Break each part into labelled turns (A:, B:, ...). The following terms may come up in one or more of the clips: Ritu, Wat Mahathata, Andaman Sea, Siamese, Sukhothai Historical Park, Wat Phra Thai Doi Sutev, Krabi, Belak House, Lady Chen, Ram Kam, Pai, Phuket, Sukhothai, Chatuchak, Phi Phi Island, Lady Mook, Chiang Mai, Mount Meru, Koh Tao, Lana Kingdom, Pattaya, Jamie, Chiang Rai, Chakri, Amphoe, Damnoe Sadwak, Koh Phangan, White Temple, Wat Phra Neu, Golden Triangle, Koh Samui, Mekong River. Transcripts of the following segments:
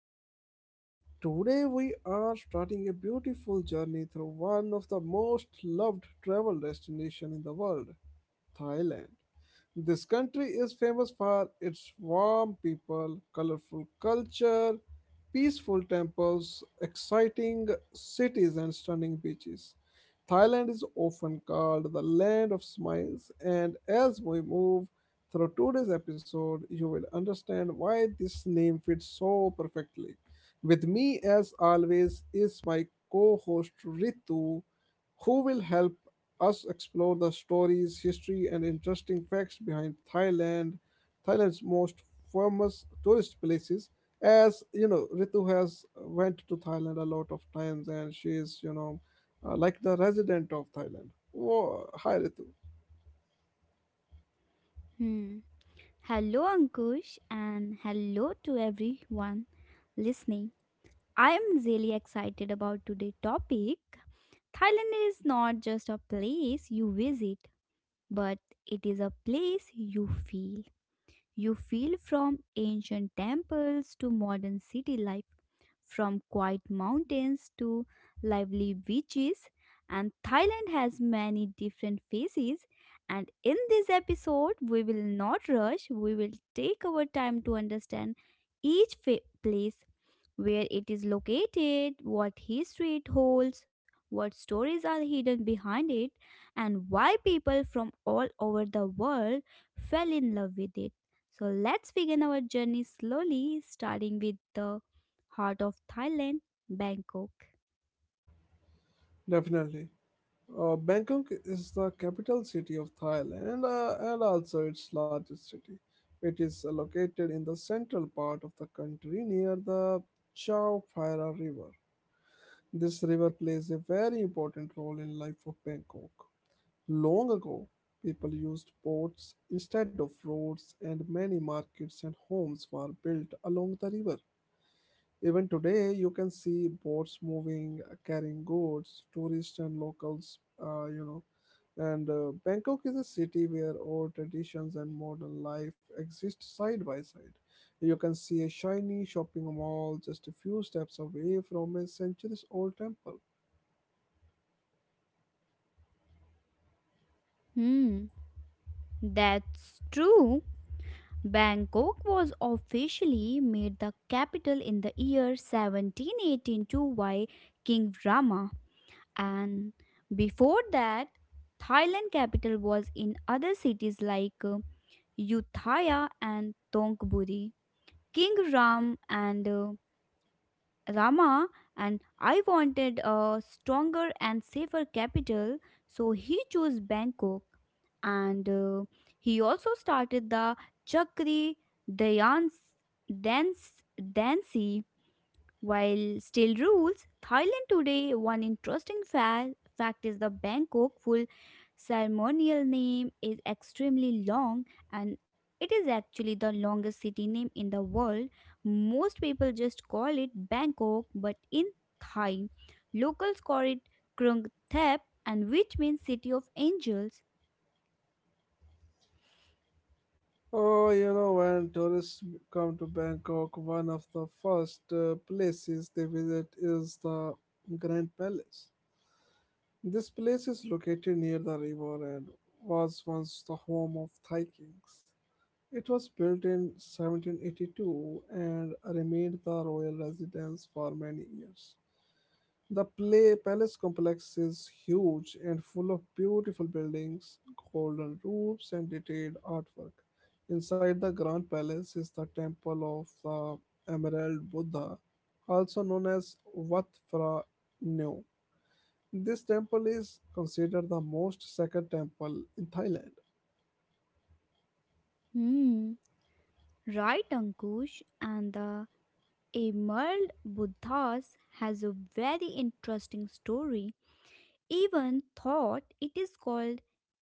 A: and today we are starting a beautiful journey through one of the most loved travel destinations in the world, Thailand. This country is famous for its warm people, colorful culture, peaceful temples, exciting cities, and stunning beaches. Thailand is often called the land of smiles, and as we move through today's episode, you will understand why this name fits so perfectly. With me, as always, is my co host Ritu, who will help us explore the stories, history, and interesting facts behind Thailand's most famous tourist places. As you know, Ritu has went to Thailand a lot of times, and she is like the resident of Thailand. Whoa, hi Ritu.
B: Hmm. Hello, Ankush, and hello to everyone listening. I am really excited about today's topic. Thailand is not just a place you visit, but it is a place you feel. You feel from ancient temples to modern city life from quiet mountains to lively beaches. And Thailand has many different phases. And in this episode, we will not rush, we will take our time to understand each place, where it is located, what history it holds, what stories are hidden behind it, and why people from all over the world fell in love with it. So let's begin our journey slowly, starting with the heart of Thailand, Bangkok.
A: Definitely. Bangkok is the capital city of Thailand and also its largest city. It is located in the central part of the country near the Chao Phraya River. This river plays a very important role in life of Bangkok. Long ago, people used boats instead of roads and many markets and homes were built along the river. Even today, you can see boats moving, carrying goods, tourists and locals. And Bangkok is a city where old traditions and modern life exist side by side. You can see a shiny shopping mall just a few steps away from a centuries old temple.
B: Hmm, that's true. Bangkok was officially made the capital in the year 1782 by King Rama, and before that, Thailand capital was in other cities like Ayutthaya and Thonburi. King Ram and Rama and I wanted a stronger and safer capital, so he chose Bangkok. And he also started the Chakri Dayan Dance Dancy while still rules, Thailand today, one interesting fact is the Bangkok full ceremonial name is extremely long and it is actually the longest city name in the world. Most people just call it Bangkok, but in Thai, locals call it Krung Thep, and which means city of angels.
A: Oh, you know, when tourists come to Bangkok, one of the first places they visit is the Grand Palace. This place is located near the river and was once the home of Thai kings. It was built in 1782 and remained the royal residence for many years. The play palace complex is huge and full of beautiful buildings, golden roofs, and detailed artwork. Inside the Grand Palace is the temple of the Emerald Buddha, also known as Wat Phra Neu. This temple is considered the most sacred temple in Thailand.
B: Hmm, right, Ankush, and the Emerald Buddhas has a very interesting story. Even thought it is called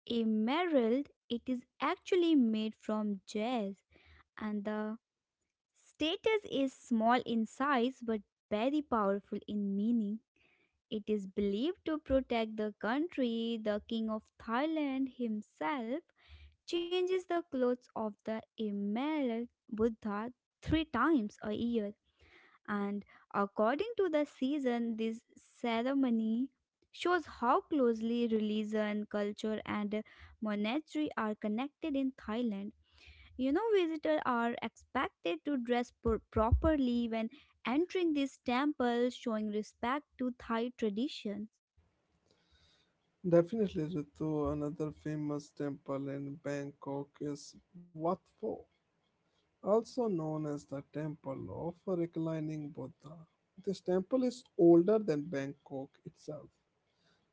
B: a merald, it is actually made from jazz, and the status is small in size but very powerful in meaning. It is believed to protect the country. The king of Thailand himself changes the clothes of the emerald Buddha 3 times a year and according to the season this ceremony shows how closely religion culture and monetary are connected in Thailand. Visitors are expected to dress properly when entering this temple showing respect to Thai traditions.
A: Definitely, Ritu, another famous temple in Bangkok is Wat Pho. Also known as the Temple of Reclining Buddha. This temple is older than Bangkok itself.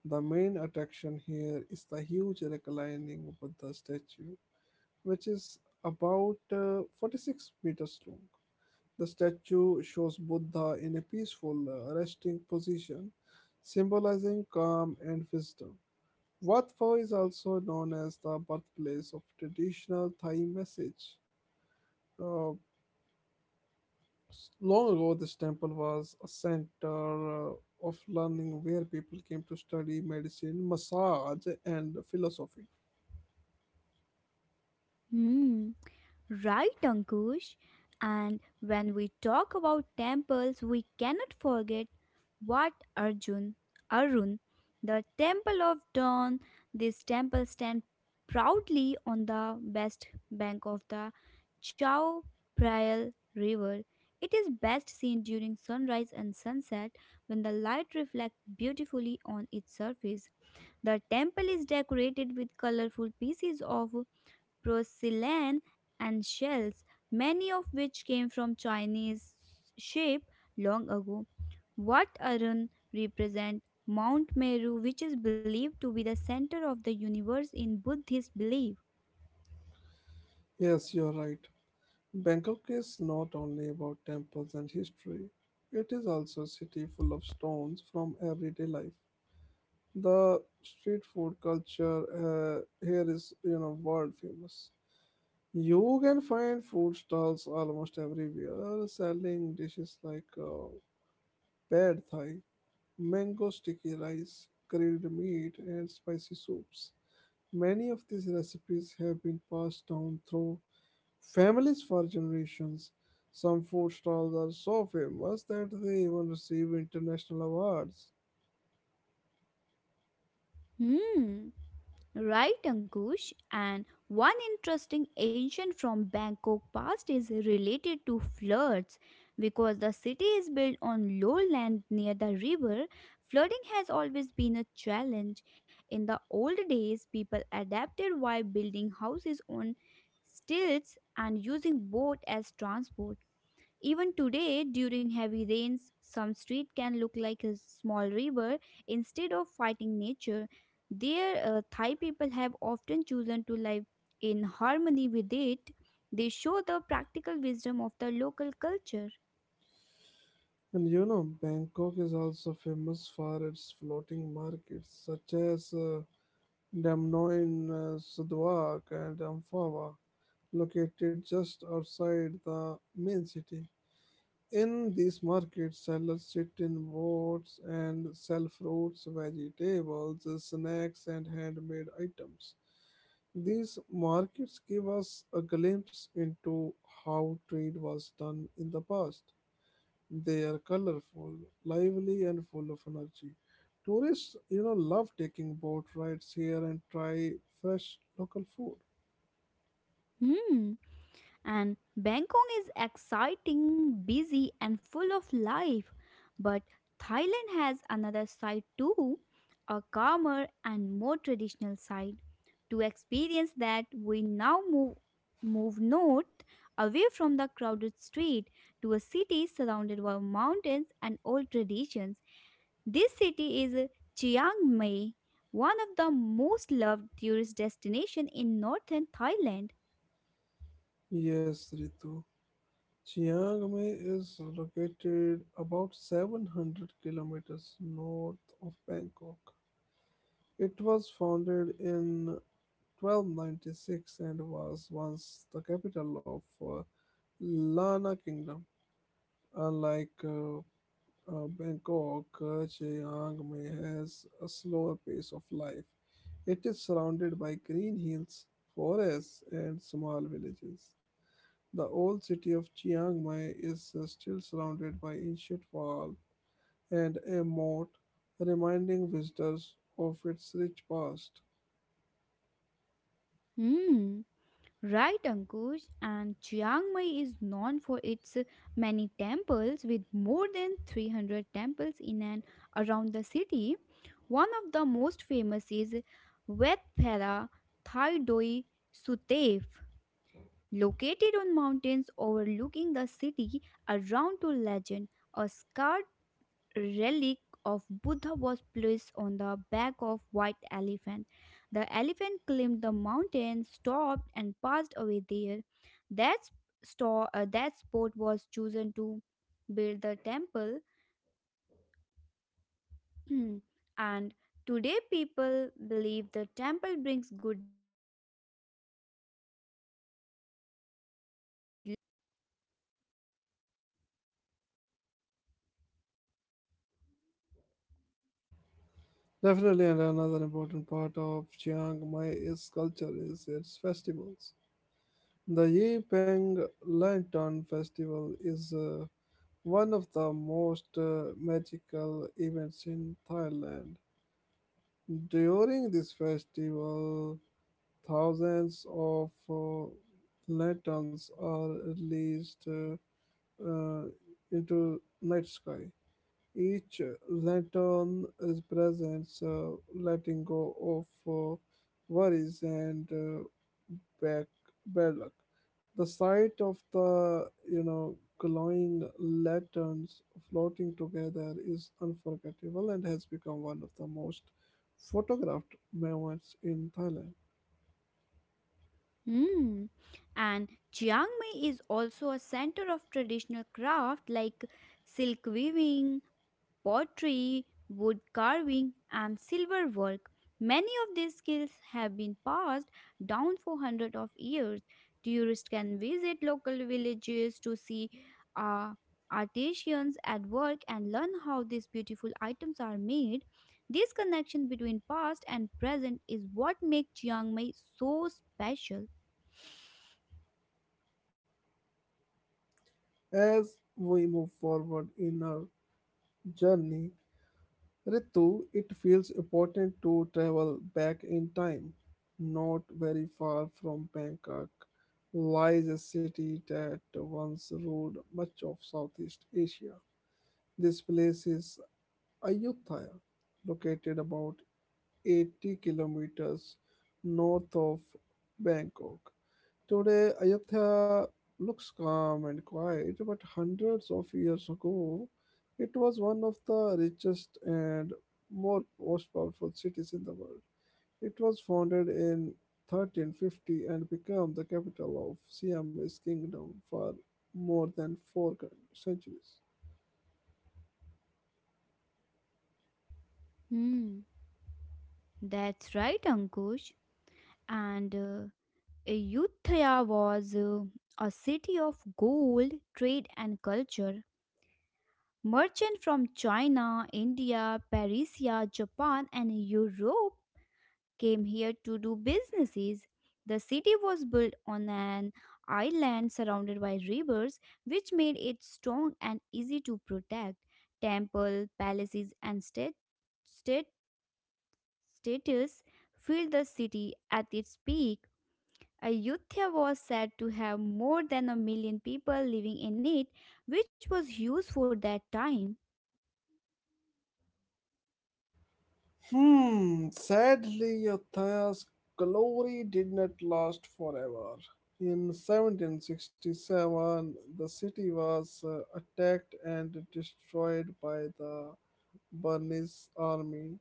A: The main attraction here is the huge reclining Buddha statue, which is about 46 meters long. The statue shows Buddha in a peaceful resting position, symbolizing calm and wisdom. Wat Pho is also known as the birthplace of traditional Thai message, uh, Long ago, this temple was a center of learning where people came to study medicine, massage, and philosophy.
B: Hmm. Right, Ankush. And when we talk about temples, we cannot forget what Arjun, Arun, the temple of dawn, this temple stands proudly on the west bank of the Chao Phraya River. It is best seen during sunrise and sunset when the light reflects beautifully on its surface. The temple is decorated with colorful pieces of porcelain, and shells, many of which came from Chinese shape long ago. What Arun represent Mount Meru, which is believed to be the center of the universe in Buddhist belief.
A: Yes, you're right. Bangkok is not only about temples and history, it is also a city full of stones from everyday life. The street food culture here is, you know, world famous. You can find food stalls almost everywhere selling dishes like pad thai mango sticky rice, grilled meat, and spicy soups. Many of these recipes have been passed down through families for generations. Some food stalls are so famous that they even receive international awards.
B: Hmm. Right, Ankush. And one interesting ancient from Bangkok past is related to floods. Because the city is built on lowland near the river, flooding has always been a challenge. In the old days, people adapted by building houses on stilts and using boat as transport. Even today, during heavy rains, some street can look like a small river instead of fighting nature. There, Thai people have often chosen to live in harmony with it. They show the practical wisdom of the local culture.
A: And you know, Bangkok is also famous for its floating markets, such as Damnoe in Sadwak and Amphoe, located just outside the main city. In these markets, sellers sit in boats and sell fruits, vegetables, snacks, and handmade items. These markets give us a glimpse into how trade was done in the past. They are colorful, lively, and full of energy. Tourists, you know, love taking boat rides here and try fresh local food.
B: Hmm. And Bangkok is exciting, busy, and full of life. But Thailand has another side too, a calmer and more traditional side. To experience that, we now move north away from the crowded street to a city surrounded by mountains and old traditions. This city is Chiang Mai, one of the most loved tourist destinations in northern Thailand.
A: Yes, Ritu. Chiang Mai is located about 700 kilometers north of Bangkok. It was founded in 1296 and was once the capital of uh, Lana Kingdom. Unlike Bangkok, Chiang Mai has a slower pace of life. It is surrounded by green hills, forests, and small villages. The old city of Chiang Mai is still surrounded by ancient wall and a moat, reminding visitors of its rich past.
B: Hmm. Right, Ankush, and Chiang Mai is known for its many temples, with more than 300 temples in and around the city. One of the most famous is Wat Phra Thai Doi Sutev, located on mountains overlooking the city around to legend, a scar relic of Buddha was placed on the back of white elephant. The elephant climbed the mountain, stopped, and passed away there. That that spot was chosen to build the temple, and today people believe the temple brings good luck and spiritual peace.
A: Definitely, and another important part of Chiang Mai's culture is its festivals. The Yi Peng Lantern Festival is one of the most magical events in Thailand. During this festival, thousands of lanterns are released uh, into night sky. Each lantern represents letting go of worries and back bad luck. The sight of the glowing lanterns floating together is unforgettable and has become one of the most photographed moments in Thailand.
B: Hmm. And Chiang Mai is also a center of traditional craft like silk weaving, pottery, wood carving, and silver work. Many of these skills have been passed down for hundreds of years. Tourists can visit local villages to see uh, artisans at work and learn how these beautiful items are made. This connection between past and present is what makes Chiang Mai so special.
A: As we move forward in our journey, Ritu, it feels important to travel back in time. Not very far from Bangkok lies a city that once ruled much of Southeast Asia. This place is Ayutthaya, located about 80 kilometers north of Bangkok. Today, Ayodhya looks calm and quiet, but hundreds of years ago, it was one of the richest and more most powerful cities in the world. It was founded in 1350 and became the capital of Siamese kingdom for more than four centuries.
B: Hmm, that's right, Ankush. And Ayutthaya was a city of gold, trade, and culture. Merchants from China, India, Persia, Japan, and Europe came here to do businesses. The city was built on an island surrounded by rivers, which made it strong and easy to protect. Temple, palaces, and state, state status filled the city at its peak. Ayutthaya was said to have more than a million people living in it, which was huge for that time.
A: Hmm, sadly, Athaya's glory did not last forever. In 1767, the city was attacked and destroyed by the Burmese army,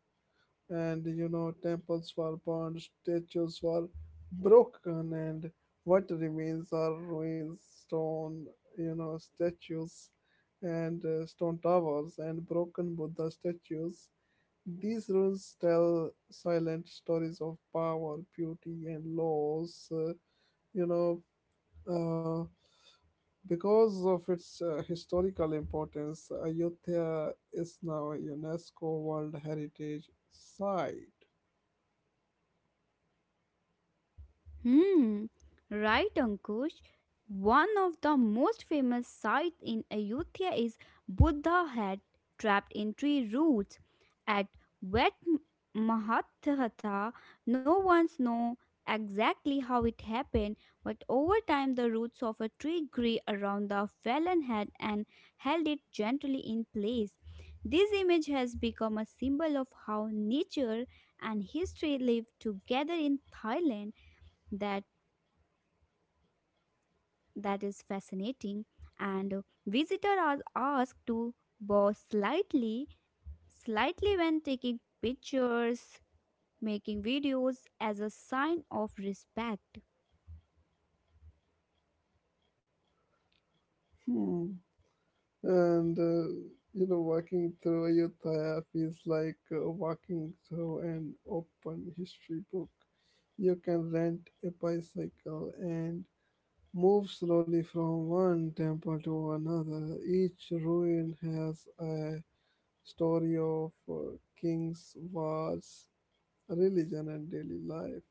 A: and you know, temples were burned, statues were broken, and what remains are ruins, stone, you know, statues and stone towers and broken Buddha statues these rules tell silent stories of power, beauty, and loss. You know, uh, because of its historical importance, Ayodhya is now a UNESCO World Heritage Site.
B: Hmm, right, Ankush. One of the most famous sites in Ayutthaya is Buddha head trapped in tree roots. At Wet Mahathata, no one's know exactly how it happened, but over time the roots of a tree grew around the fallen head and held it gently in place. This image has become a symbol of how nature and history live together in Thailand. That that is fascinating and visitors are asked to bow slightly when taking pictures making videos as a sign of respect.
A: Hmm. And you know, walking through Ayodhya feels like walking through an open history book. You can rent a bicycle and move slowly from one temple to another. Each ruin has a story of kings, wars, religion, and daily life.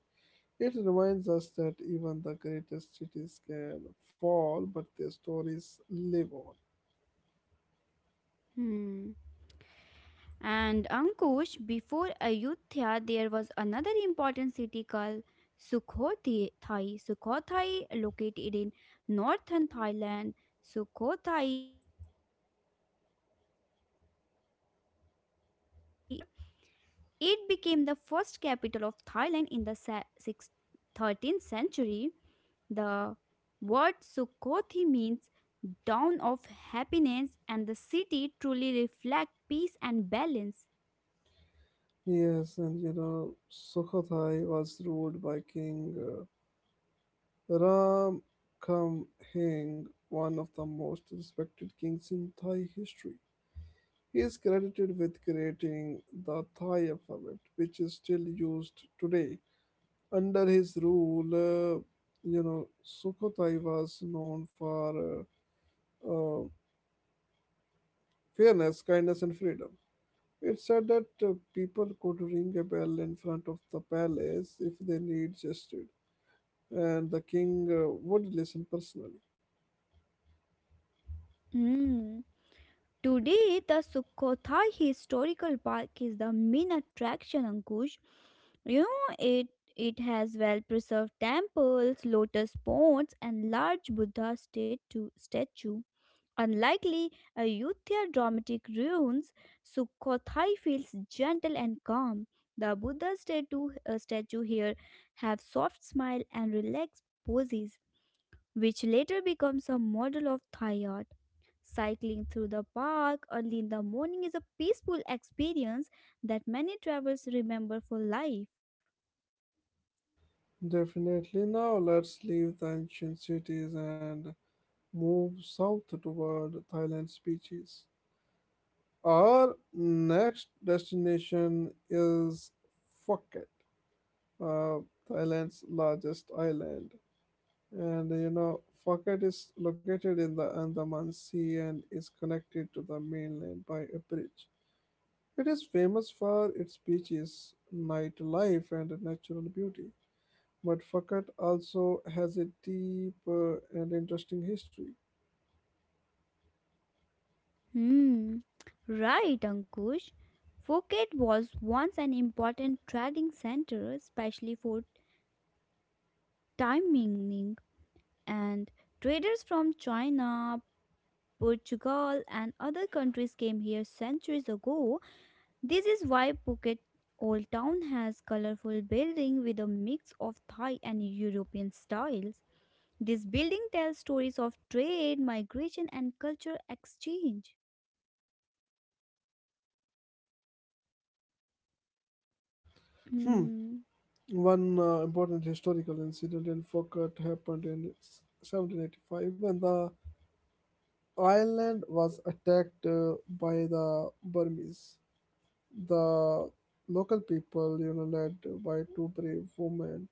A: It reminds us that even the greatest cities can fall, but their stories live on.
B: Hmm. And, Ankush, before Ayutthaya there was another important city called Sukhothai. Located in northern Thailand, sukhothai is considered the birthplace of Thai culture. It became the first capital of Thailand in the 13th century. The word Sukhothi means dawn of happiness, and the city truly reflects peace and balance.
A: Yes, and you know, Sukhothai was ruled by King Ram Kam one of the most respected kings in Thai history. He is credited with creating the Thai alphabet, which is still used today. Under his rule, you know, Sukhothai was known for uh, uh, fairness, kindness, and freedom. It said that people could ring a bell in front of the palace if they need justice, and the king would listen personally.
B: Hmm. Today, the Sukhothai Historical Park is the main attraction, Ankush. You know, it has well-preserved temples, lotus ponds, and large Buddha statue. Unlikely Ayutthaya dramatic ruins, Sukhothai feels gentle and calm. The Buddha statue here have soft smile and relaxed poses, which later becomes a model of Thai art. Cycling through the park early in the morning is a peaceful experience that many travelers remember for life.
A: Definitely. Now let's leave the ancient cities and move south toward Thailand's beaches. Our next destination is Phuket, uh, Thailand's largest island. And you know, Phuket is located in the Andaman Sea and is connected to the mainland by a bridge. It is famous for its beaches, nightlife, and natural beauty. But Phuket also has a deep and interesting history.
B: Hmm. Right, Ankush. Phuket was once an important trading center, especially for timing and traders from China, Portugal, and other countries came here centuries ago. This is why Phuket Old Town has colorful building with a mix of Thai and European styles. This building tells stories of trade, migration, and culture exchange.
A: Hmm,
B: Hmm.
A: one important historical incident in Fokert happened in 1785 when the island was attacked by the Burmese. The local people, you know, led by two brave women,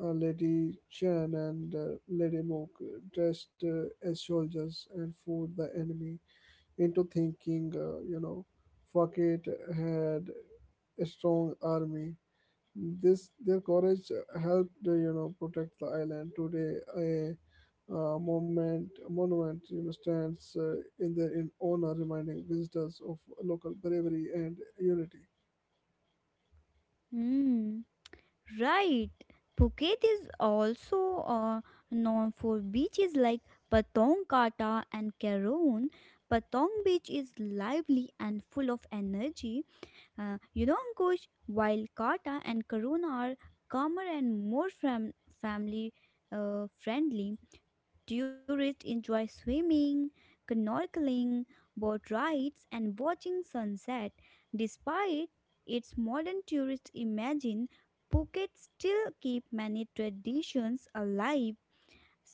A: Lady Chen and Lady Mook, dressed as soldiers and fooled the enemy into thinking, Fokert had a strong army this their courage helped you know protect the island today a monument you know stands in their in honor reminding visitors of local bravery and unity.
B: Hmm. Right. Phuket is also known for beaches like Patong Kata and Karon. Patong Beach is lively and full of energy. Ankush, while Kata and Karon are calmer and more family friendly. Tourists enjoy swimming, snorkeling, boat rides, and watching sunset. Despite its modern tourist imagine, Phuket still keep many traditions alive,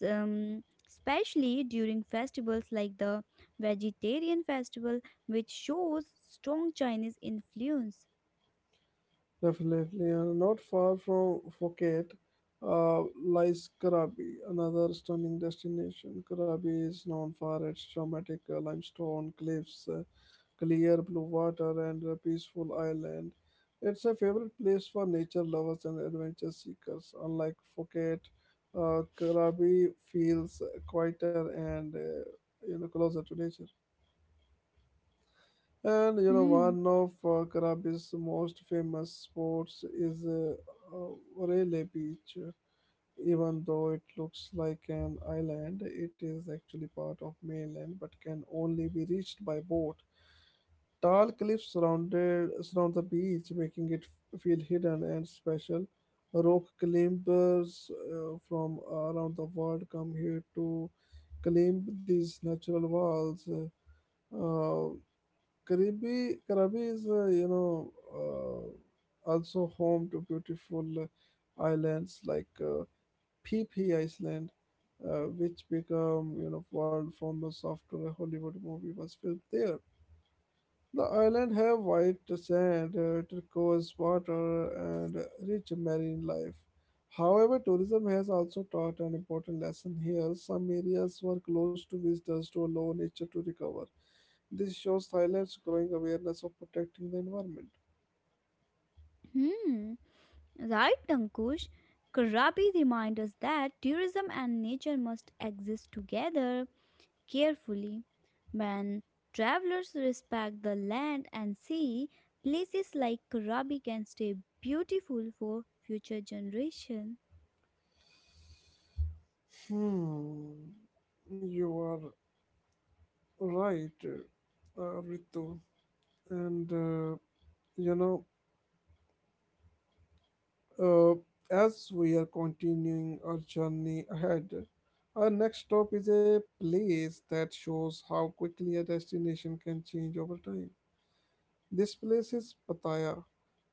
B: especially during festivals like the Vegetarian Festival, which shows strong Chinese influence.
A: Definitely, and not far from Phuket lies Krabi, another stunning destination. Krabi is known for its dramatic limestone cliffs clear blue water, and a peaceful island. It's a favorite place for nature lovers and adventure seekers. Unlike Phuket, Krabi feels quieter and you know closer to nature. And you know
B: Hmm.
A: one of Krabi's most famous sports is uh, Relay Beach. Even though it looks like an island, it is actually part of mainland but can only be reached by boat. Tall cliffs surround the beach, making it feel hidden and special. Rock climbers from around the world come here to climb these natural walls. Uh, Karabi is, also home to beautiful islands like Phi Phi Island, which become, you know, world famous after a Hollywood movie was filmed there. The island have white sand, turquoise water, and rich marine life. However, tourism has also taught an important lesson here. Some areas were closed to visitors to allow nature to recover. This shows Thailand's growing awareness of protecting the environment.
B: Hmm. Right, Ankush. Karabi reminds us that tourism and nature must exist together carefully. When travelers respect the land and sea, places like Karabi can stay beautiful for future generations.
A: Hmm, you are right, Ritu. And uh, you know, Uh, as we are continuing our journey ahead, our next stop is a place that shows how quickly a destination can change over time. This place is Pattaya,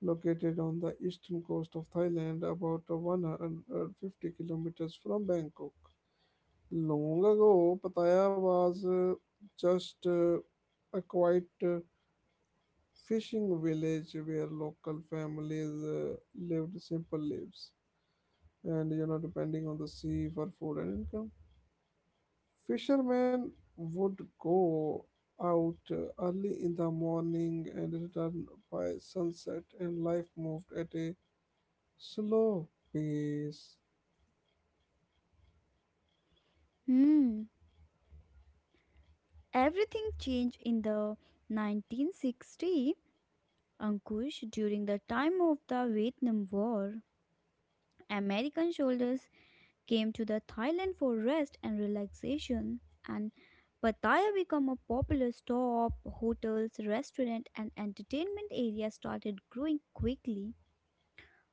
A: located on the eastern coast of Thailand, about 150 kilometers from Bangkok. Long ago, Pattaya was just a quiet fishing village where local families lived simple lives and you know depending on the sea for food and income fishermen would go out early in the morning and return by sunset and life moved at a slow pace.
B: Hmm. Everything changed in the 1960, Ankush, during the time of the Vietnam War. American soldiers came to the Thailand for rest and relaxation and Pattaya became a popular stop, hotels, restaurant and entertainment areas started growing quickly.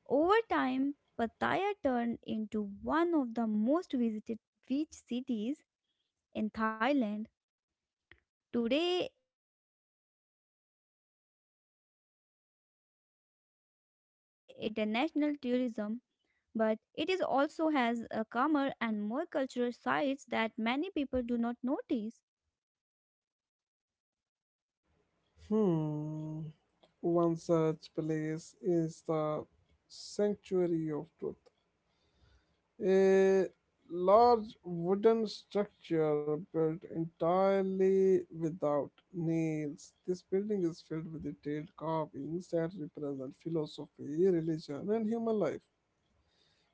B: Over time, Pattaya turned into one of the most visited beach cities in Thailand. Today, it is known for nightlife, water sports, and international tourism but it is also has a calmer and more cultural sides that many people do not notice.
A: Hmm, one such place is the sanctuary of truth. A large wooden structure built entirely without nails. This building is filled with detailed carvings that represent philosophy, religion, and human life.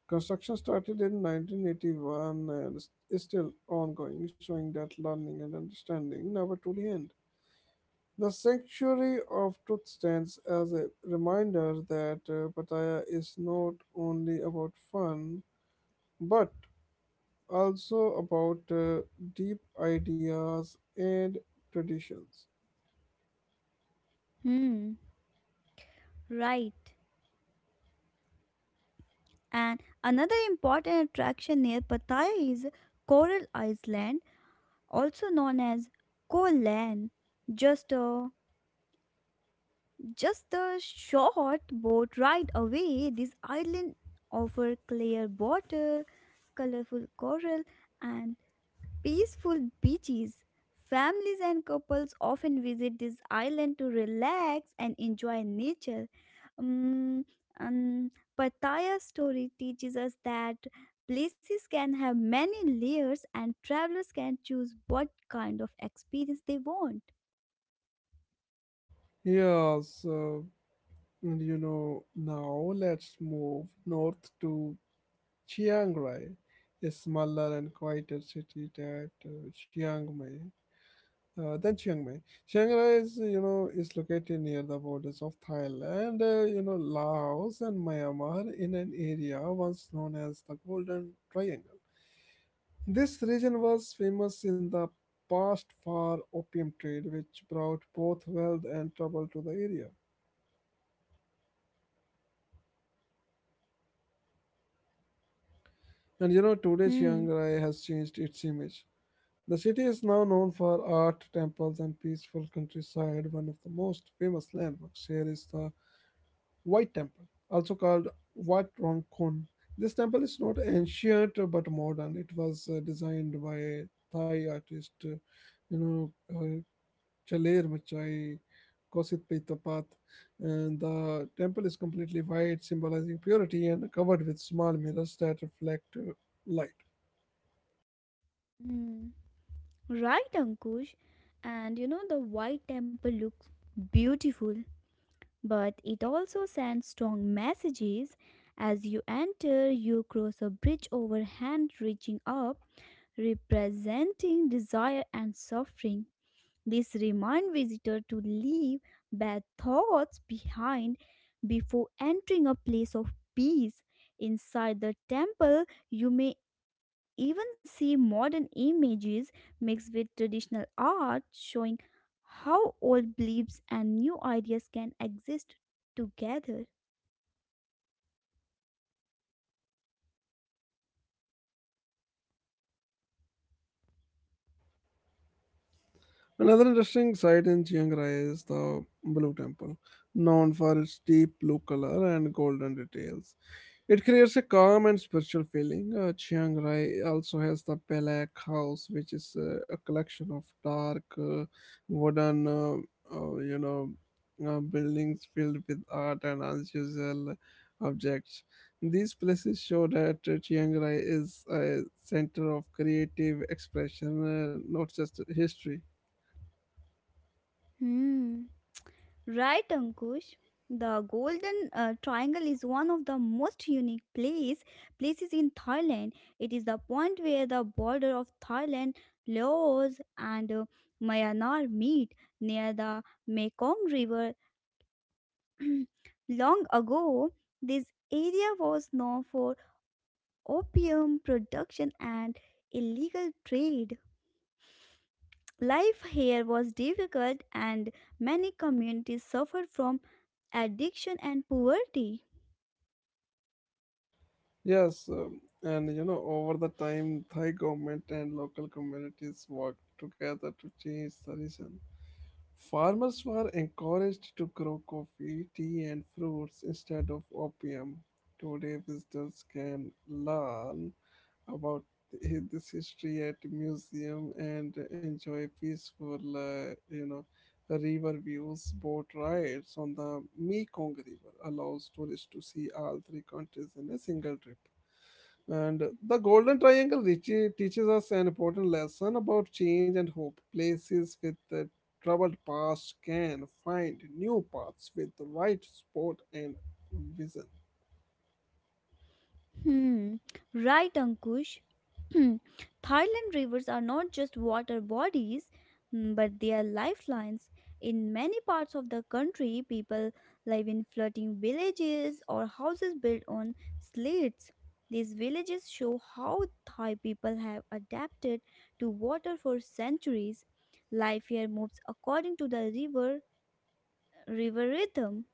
A: Construction started in 1981 and is still ongoing, showing that learning and understanding never truly end. The Sanctuary of Truth stands as a reminder that Pattaya is not only about fun, but also about deep ideas and traditions.
B: Hmm, right. And another important attraction near Pattaya is Coral Island, also known as Koh Lan. Just a just a short boat ride away, this island offers clear water, colorful coral, and peaceful beaches. Families and couples often visit this island to relax and enjoy nature. Um, um, Pattaya's story teaches us that places can have many layers and travelers can choose what kind of experience they want.
A: Yes. Now let's move north to Chiang Rai, a smaller and quieter city that Chiang Mai. Then Chiang Mai. Chiang Rai is, is located near the borders of Thailand, Laos and Myanmar in an area once known as the Golden Triangle. This region was famous in the past for opium trade, which brought both wealth and trouble to the area. And today
B: Hmm.
A: Chiang Rai has changed its image. The city is now known for art, temples, and peaceful countryside. One of the most famous landmarks here is the White Temple, also called Wat Rong Khun. This temple is not ancient but modern. It was designed by Thai artist, you know, uh, Chaler Machai, Kosit Pe, and the temple is completely white, symbolizing purity and covered with small mirrors that reflect light.
B: Hmm. Right, Ankush. And the White Temple looks beautiful but it also sends strong messages. As you enter, you cross a bridge over hand reaching up, representing desire and suffering. This reminds visitor to leave bad thoughts behind before entering a place of peace. Inside the temple, you may even see modern images mixed with traditional art showing how old beliefs and new ideas can exist together.
A: Another interesting site in Chiang Rai is the Blue Temple, known for its deep blue color and golden details. It creates a calm and spiritual feeling. Chiang Rai also has the Belak House, which is a collection of dark wooden, uh, you know, buildings filled with art and unusual objects. These places show that Chiang Rai is a center of creative expression, not just history.
B: Hmm. Right, Ankush? The Golden Triangle is one of the most unique places in Thailand. It is the point where the border of Thailand, Laos, and Myanmar meet near the Mekong River. Long ago, this area was known for opium production and illegal trade. Life here was difficult, and many communities suffered from addiction and poverty.
A: Yes. Over the time, Thai government and local communities worked together to change the region. Farmers were encouraged to grow coffee, tea, and fruits instead of opium. Today, visitors can learn about this history at museum and enjoy peaceful, river views. Boat rides on the Mekong River allows tourists to see all three countries in a single trip. And the Golden Triangle teaches us an important lesson about change and hope. Places with a troubled past can find new paths with the right support and vision.
B: Hmm, right, Ankush. Thailand rivers are not just water bodies, but they are lifelines. In many parts of the country, people live in floating villages or houses built on slates. These villages show how Thai people have adapted to water for centuries. Life here moves according to the river rhythm.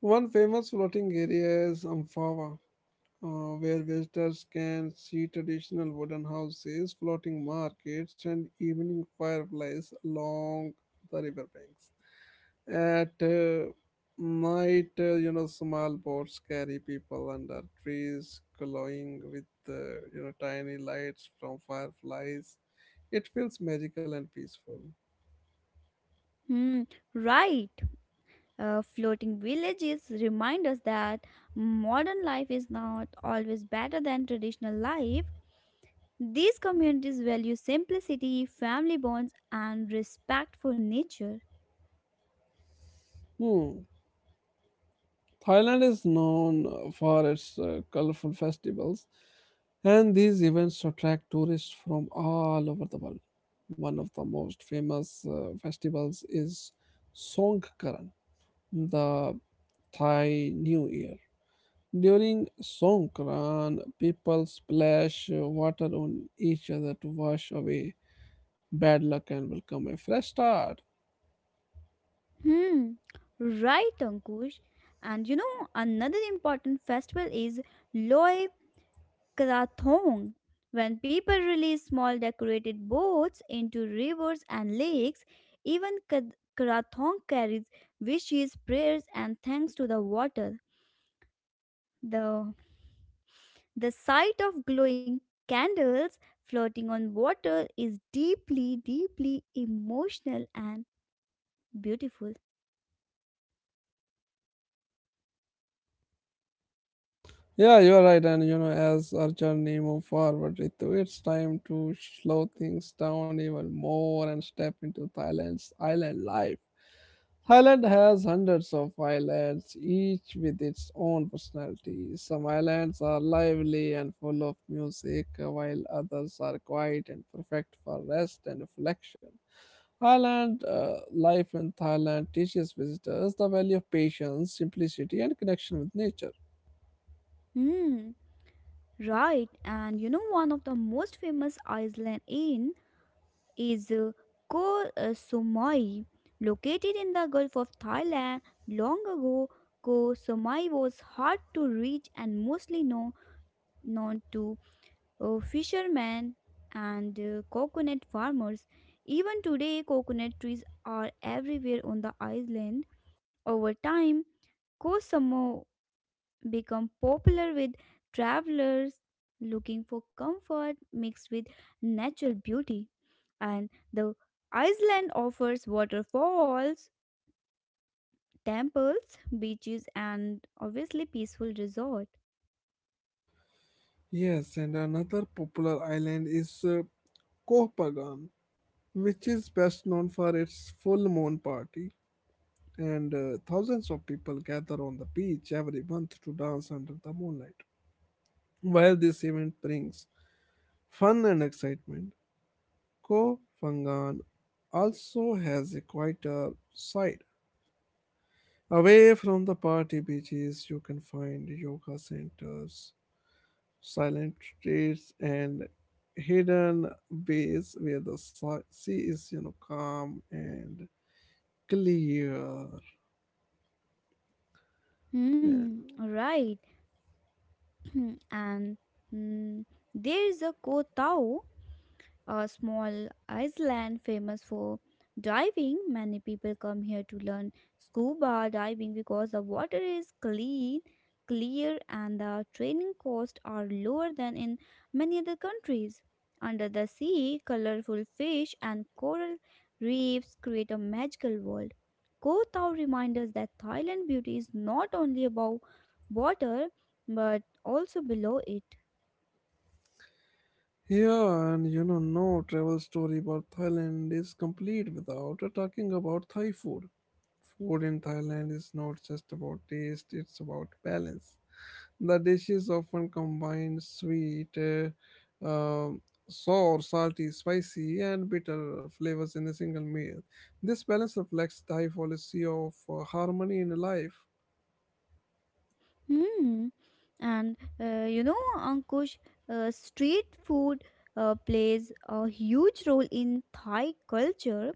A: One famous floating area is Amphowa, uh, where visitors can see traditional wooden houses, floating markets, and evening fireflies along the riverbanks. At night, small boats carry people under trees, glowing with, tiny lights from fireflies. It feels magical and peaceful.
B: Hmm, right. Floating villages remind us that modern life is not always better than traditional life. These communities value simplicity, family bonds, and respect for nature.
A: Hmm. Thailand is known for its colorful festivals, and these events attract tourists from all over the world. One of the most famous festivals is Songkran, the Thai New Year. During Songkran, people splash water on each other to wash away bad luck and welcome a fresh start.
B: Hmm, right, Ankush. And you know, another important festival is Loe Krathong, when people release small decorated boats into rivers and lakes, even Krathong carries wishes, prayers, and thanks to the water. The, the sight of glowing candles floating on water is deeply, deeply emotional and beautiful.
A: Yeah, you're right. And you know, as Arjun move forward, Ritu, it's time to slow things down even more and step into Thailand's island life. Thailand has hundreds of islands, each with its own personality. Some islands are lively and full of music, while others are quiet and perfect for rest and reflection. Island life in Thailand teaches visitors the value of patience, simplicity, and connection with nature.
B: Hmm, right. And you know, one of the most famous island in is Koh Samui, located in the Gulf of Thailand. Long ago, Koh Samui was hard to reach and mostly known to fishermen and coconut farmers. Even today, coconut trees are everywhere on the island. Over time, Koh Samui become popular with travelers looking for comfort mixed with natural beauty. And the Iceland offers waterfalls, temples, beaches, and obviously peaceful resort.
A: Yes, and another popular island is Koh Phangan, which is best known for its full moon party, and thousands of people gather on the beach every month to dance under the moonlight. While this event brings fun and excitement, Koh Phangan also has a quieter side. Away from the party beaches, you can find yoga centers, silent streets and hidden bays where the sea is, you know, calm and clear. Yeah.
B: Hmm, right. And mm, there is a Koh Tao, a small island famous for diving. Many people come here to learn scuba diving because the water is clean, clear, and the training costs are lower than in many other countries. Under the sea, colorful fish and coral reefs create a magical world. Ko Tao reminds us that Thailand beauty is not only above water but also below it.
A: Yeah, and you know, no travel story about Thailand is complete without talking about Thai food. Food in Thailand is not just about taste, it's about balance. The dishes often combine sweet, um, sour, salty, spicy, and bitter flavors in a single meal. This balance reflects Thai policy of harmony in life.
B: Hmm. And you know, Ankush, street food plays a huge role in Thai culture.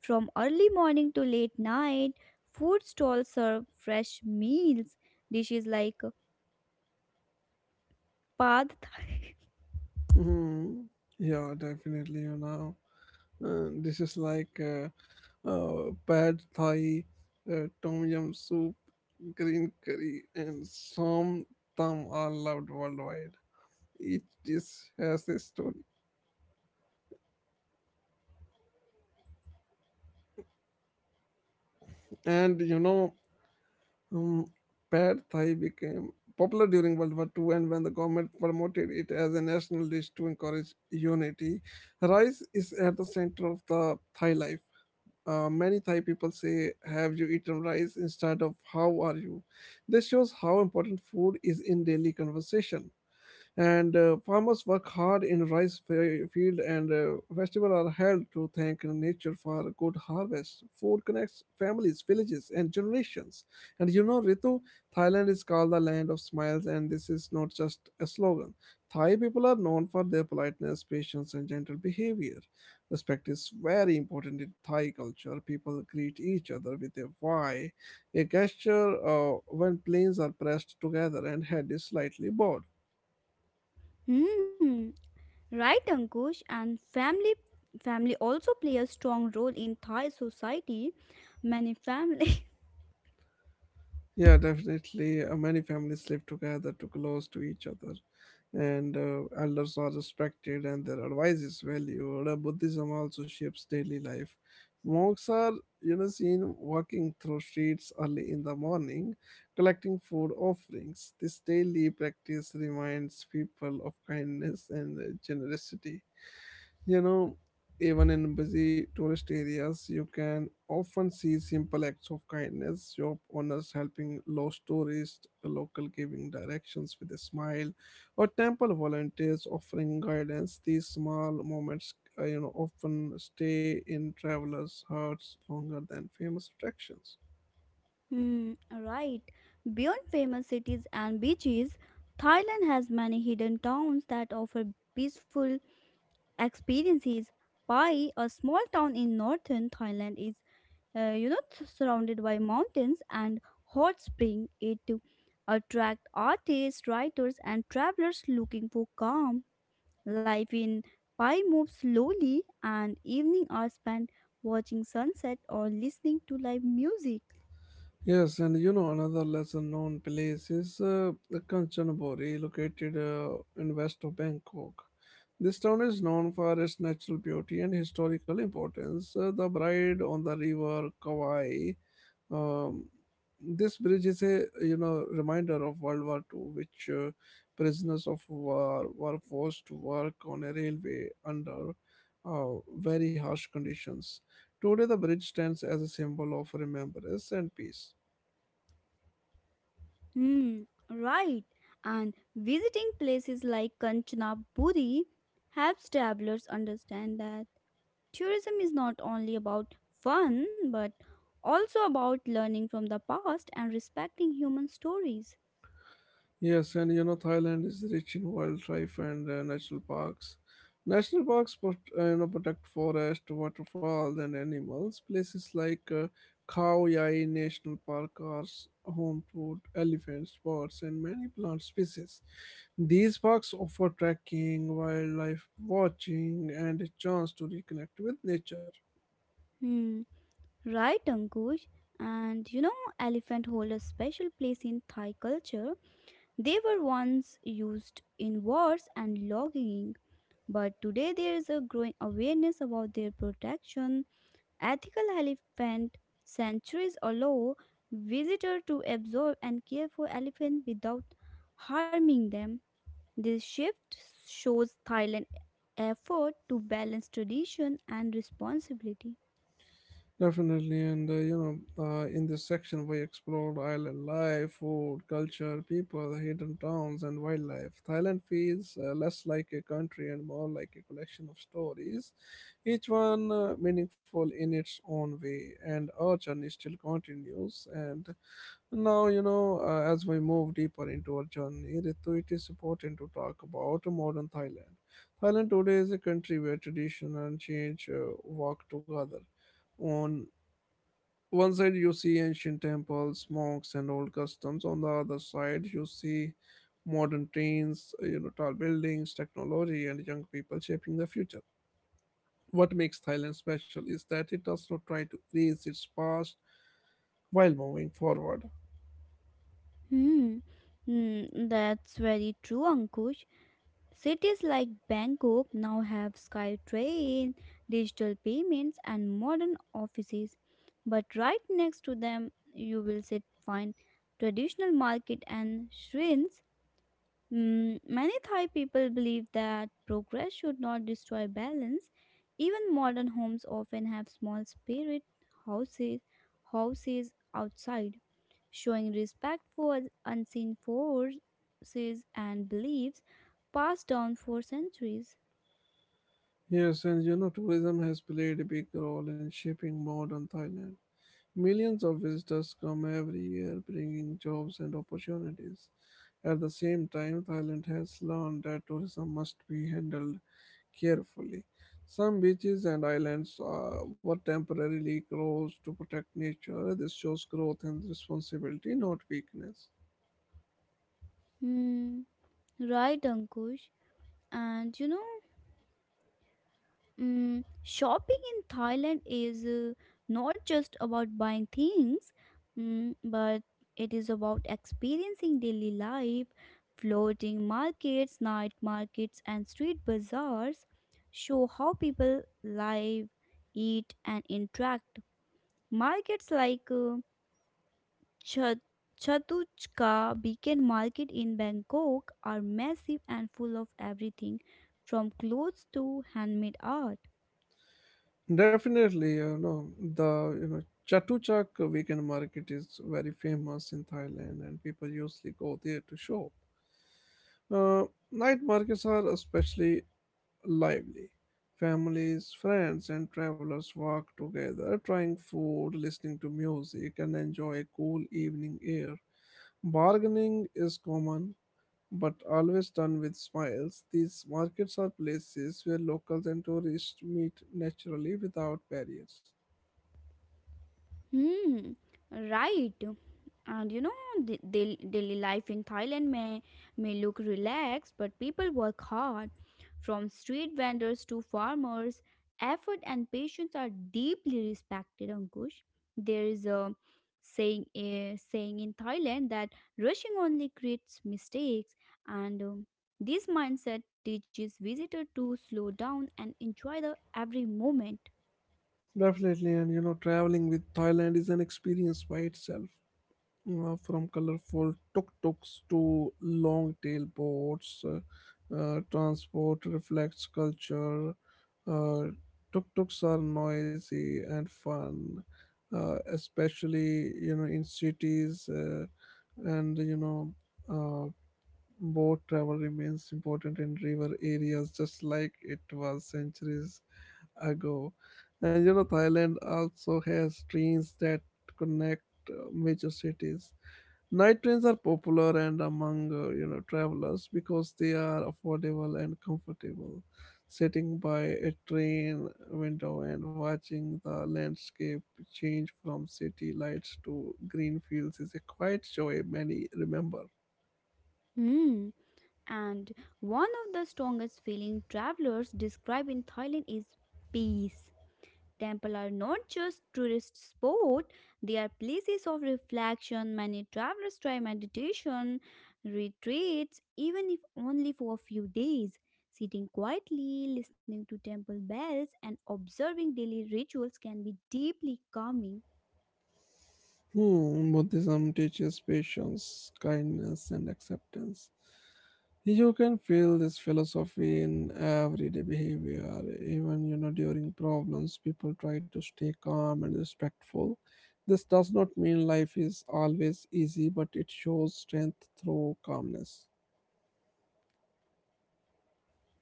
B: From early morning to late night, food stalls serve fresh meals, dishes like pad thai.
A: Mhm. Yeah, definitely, you know. This is like pad thai, tom yum soup, green curry, and som tam are loved worldwide. Each dish has a story. And um, pad thai became popular during World War Two, and when the government promoted it as a national dish to encourage unity. Rice is at the center of the Thai life. Many Thai people say, "Have you eaten rice?" instead of "How are you?" This shows how important food is in daily conversation, and farmers work hard in rice field, and festivals are held to thank nature for a good harvest. Food connects families, villages, and generations. And you know, Ritu, Thailand is called the land of smiles, and this is not just a slogan. Thai people are known for their politeness, patience, and gentle behavior. Respect is very important in Thai culture. People greet each other with a why, a gesture when planes are pressed together and head is slightly bowed.
B: Hmm. Right, Ankush. And family also play a strong role in Thai society. Many families.
A: Yeah, definitely. Many families live together too close to each other, and elders are respected and their advice is valued. Buddhism also shapes daily life. Monks are, you know, seen walking through streets early in the morning, collecting food offerings. This daily practice reminds people of kindness and generosity. You know, even in busy tourist areas, you can often see simple acts of kindness: shop owners helping lost tourists, a local giving directions with a smile, or temple volunteers offering guidance. These small moments, often stay in travelers' hearts longer than famous attractions.
B: Hmm, right. Beyond famous cities and beaches, Thailand has many hidden towns that offer peaceful experiences. Pai, a small town in northern Thailand, is you know, surrounded by mountains and hot spring. It attract artists, writers, and travelers looking for calm. Life in Pai moves slowly, and evening are spent watching sunset or listening to live music.
A: Yes, and you know another lesser known place is Kanchanaburi, located in west of Bangkok. This town is known for its natural beauty and historical importance. The bride on the river Kawai. Um, this bridge is a, you know, reminder of World War Two, which prisoners of war were forced to work on a railway under very harsh conditions. Today, the bridge stands as a symbol of remembrance and peace.
B: Hmm, right. And visiting places like Kanchanaburi helps travelers understand that tourism is not only about fun but also about learning from the past and respecting human stories.
A: Yes, and you know Thailand is rich in wildlife and national parks. National parks, protect forest, waterfalls, and animals. Places like Khao Yai National Park are home to elephants, birds, and many plant species. These parks offer trekking, wildlife watching, and a chance to reconnect with nature.
B: Hmm, right, Ankush. And you know, elephant hold a special place in Thai culture. They were once used in wars and logging, but today there is a growing awareness about their protection. Ethical elephant sanctuaries allow visitors to observe and care for elephants without harming them. This shift shows Thailand's effort to balance tradition and responsibility.
A: Definitely, and in this section we explored island life, food, culture, people, hidden towns, and wildlife. Thailand feels less like a country and more like a collection of stories, each one meaningful in its own way. And our journey still continues. And now, you know, as we move deeper into our journey, Ritu, it is important to talk about modern Thailand. Thailand today is a country where tradition and change walk together. On one side you see ancient temples, monks, and old customs. On the other side you see modern trains, you know, tall buildings, technology, and young people shaping the future. What makes Thailand special is that it does not try to erase its past while moving forward.
B: Hmm, hmm, that's very true, Ankush. Cities like Bangkok now have SkyTrain, digital payments, and modern offices. But right next to them, you will sit find traditional market and shrines. Mm, many Thai people believe that progress should not destroy balance. Even modern homes often have small spirit houses, houses outside, showing respect for unseen forces and beliefs passed down for centuries.
A: Yes, and you know tourism has played a big role in shaping modern Thailand. Millions of visitors come every year, bringing jobs and opportunities. At the same time, Thailand has learned that tourism must be handled carefully. Some beaches and islands were temporarily closed to protect nature. This shows growth and responsibility, not weakness.
B: Hmm, right, Ankush. And you know, mm, shopping in Thailand is not just about buying things, mm, but it is about experiencing daily life. Floating markets, night markets, and street bazaars show how people live, eat, and interact. Markets like Chat- Chatuchka Beacon Market in Bangkok are massive and full of everything from clothes to handmade art.
A: Definitely, you know. Chatuchak weekend market is very famous in Thailand and people usually go there to shop. Uh, Night markets are especially lively. Families, friends, and travelers walk together, trying food, listening to music, and enjoy cool evening air. Bargaining is common, but always done with smiles. These markets are places where locals and tourists meet naturally without barriers.
B: Hmm, right. And you know, the daily life in Thailand may look relaxed, but people work hard. From street vendors to farmers, effort and patience are deeply respected, Ankush. There is a saying in Thailand that rushing only creates mistakes, and this mindset teaches visitor to slow down and enjoy the every moment.
A: Definitely, and you know, traveling with Thailand is an experience by itself. From colorful tuk tuks to long tail boats, transport reflects culture. Uh, Tuk tuks are noisy and fun, especially, you know, in cities, and you know. Uh, Boat travel remains important in river areas just like it was centuries ago. And you know, Thailand also has trains that connect major cities. Night trains are popular and among, travelers because they are affordable and comfortable. Sitting by a train window and watching the landscape change from city lights to green fields is a quiet joy many remember.
B: Hmm. And one of the strongest feeling travelers describe in Thailand is peace. Temples are not just tourist spot, they are places of reflection. Many travelers try meditation, retreats, even if only for a few days. Sitting quietly, listening to temple bells, and observing daily rituals can be deeply calming.
A: Hmm, Buddhism teaches patience, kindness, and acceptance. You can feel this philosophy in everyday behavior. Even, you know, during problems, people try to stay calm and respectful. This does not mean life is always easy, but it shows strength through calmness.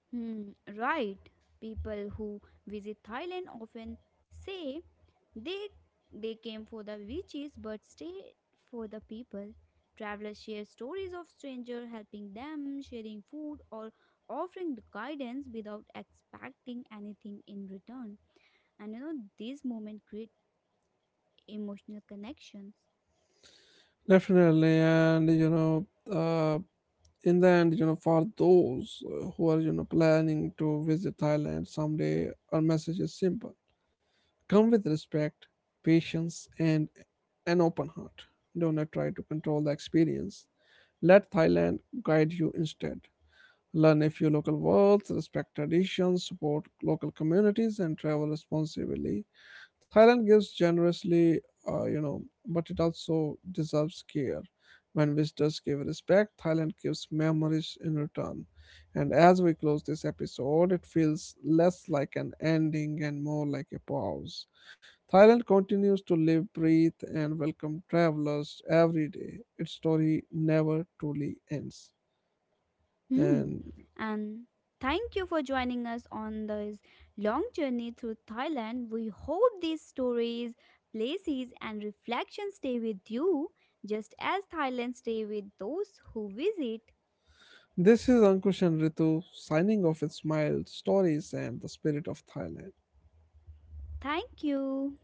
B: Hmm, right. People who visit Thailand often say they they came for the beaches but stayed for the people. Travelers share stories of strangers helping them, sharing food or offering the guidance without expecting anything in return. And you know, these moments create emotional connections.
A: Definitely, and you know, in the end, you know, for those who are, you know, planning to visit Thailand someday, our message is simple. Come with respect, patience, and an open heart. Don't try to control the experience. Let Thailand guide you instead. Learn a few local words, respect traditions, support local communities, and travel responsibly. Thailand gives generously, uh, you know, but it also deserves care. When visitors give respect, Thailand gives memories in return. And as we close this episode, it feels less like an ending and more like a pause. Thailand continues to live, breathe, and welcome travelers every day. Its story never truly ends.
B: Hmm.
A: And
B: And thank you for joining us on this long journey through Thailand. We hope these stories, places, and reflections stay with you just as Thailand stay with those who visit.
A: this is Ankush and Ritu signing off with smiles, stories, and the spirit of Thailand.
B: Thank you.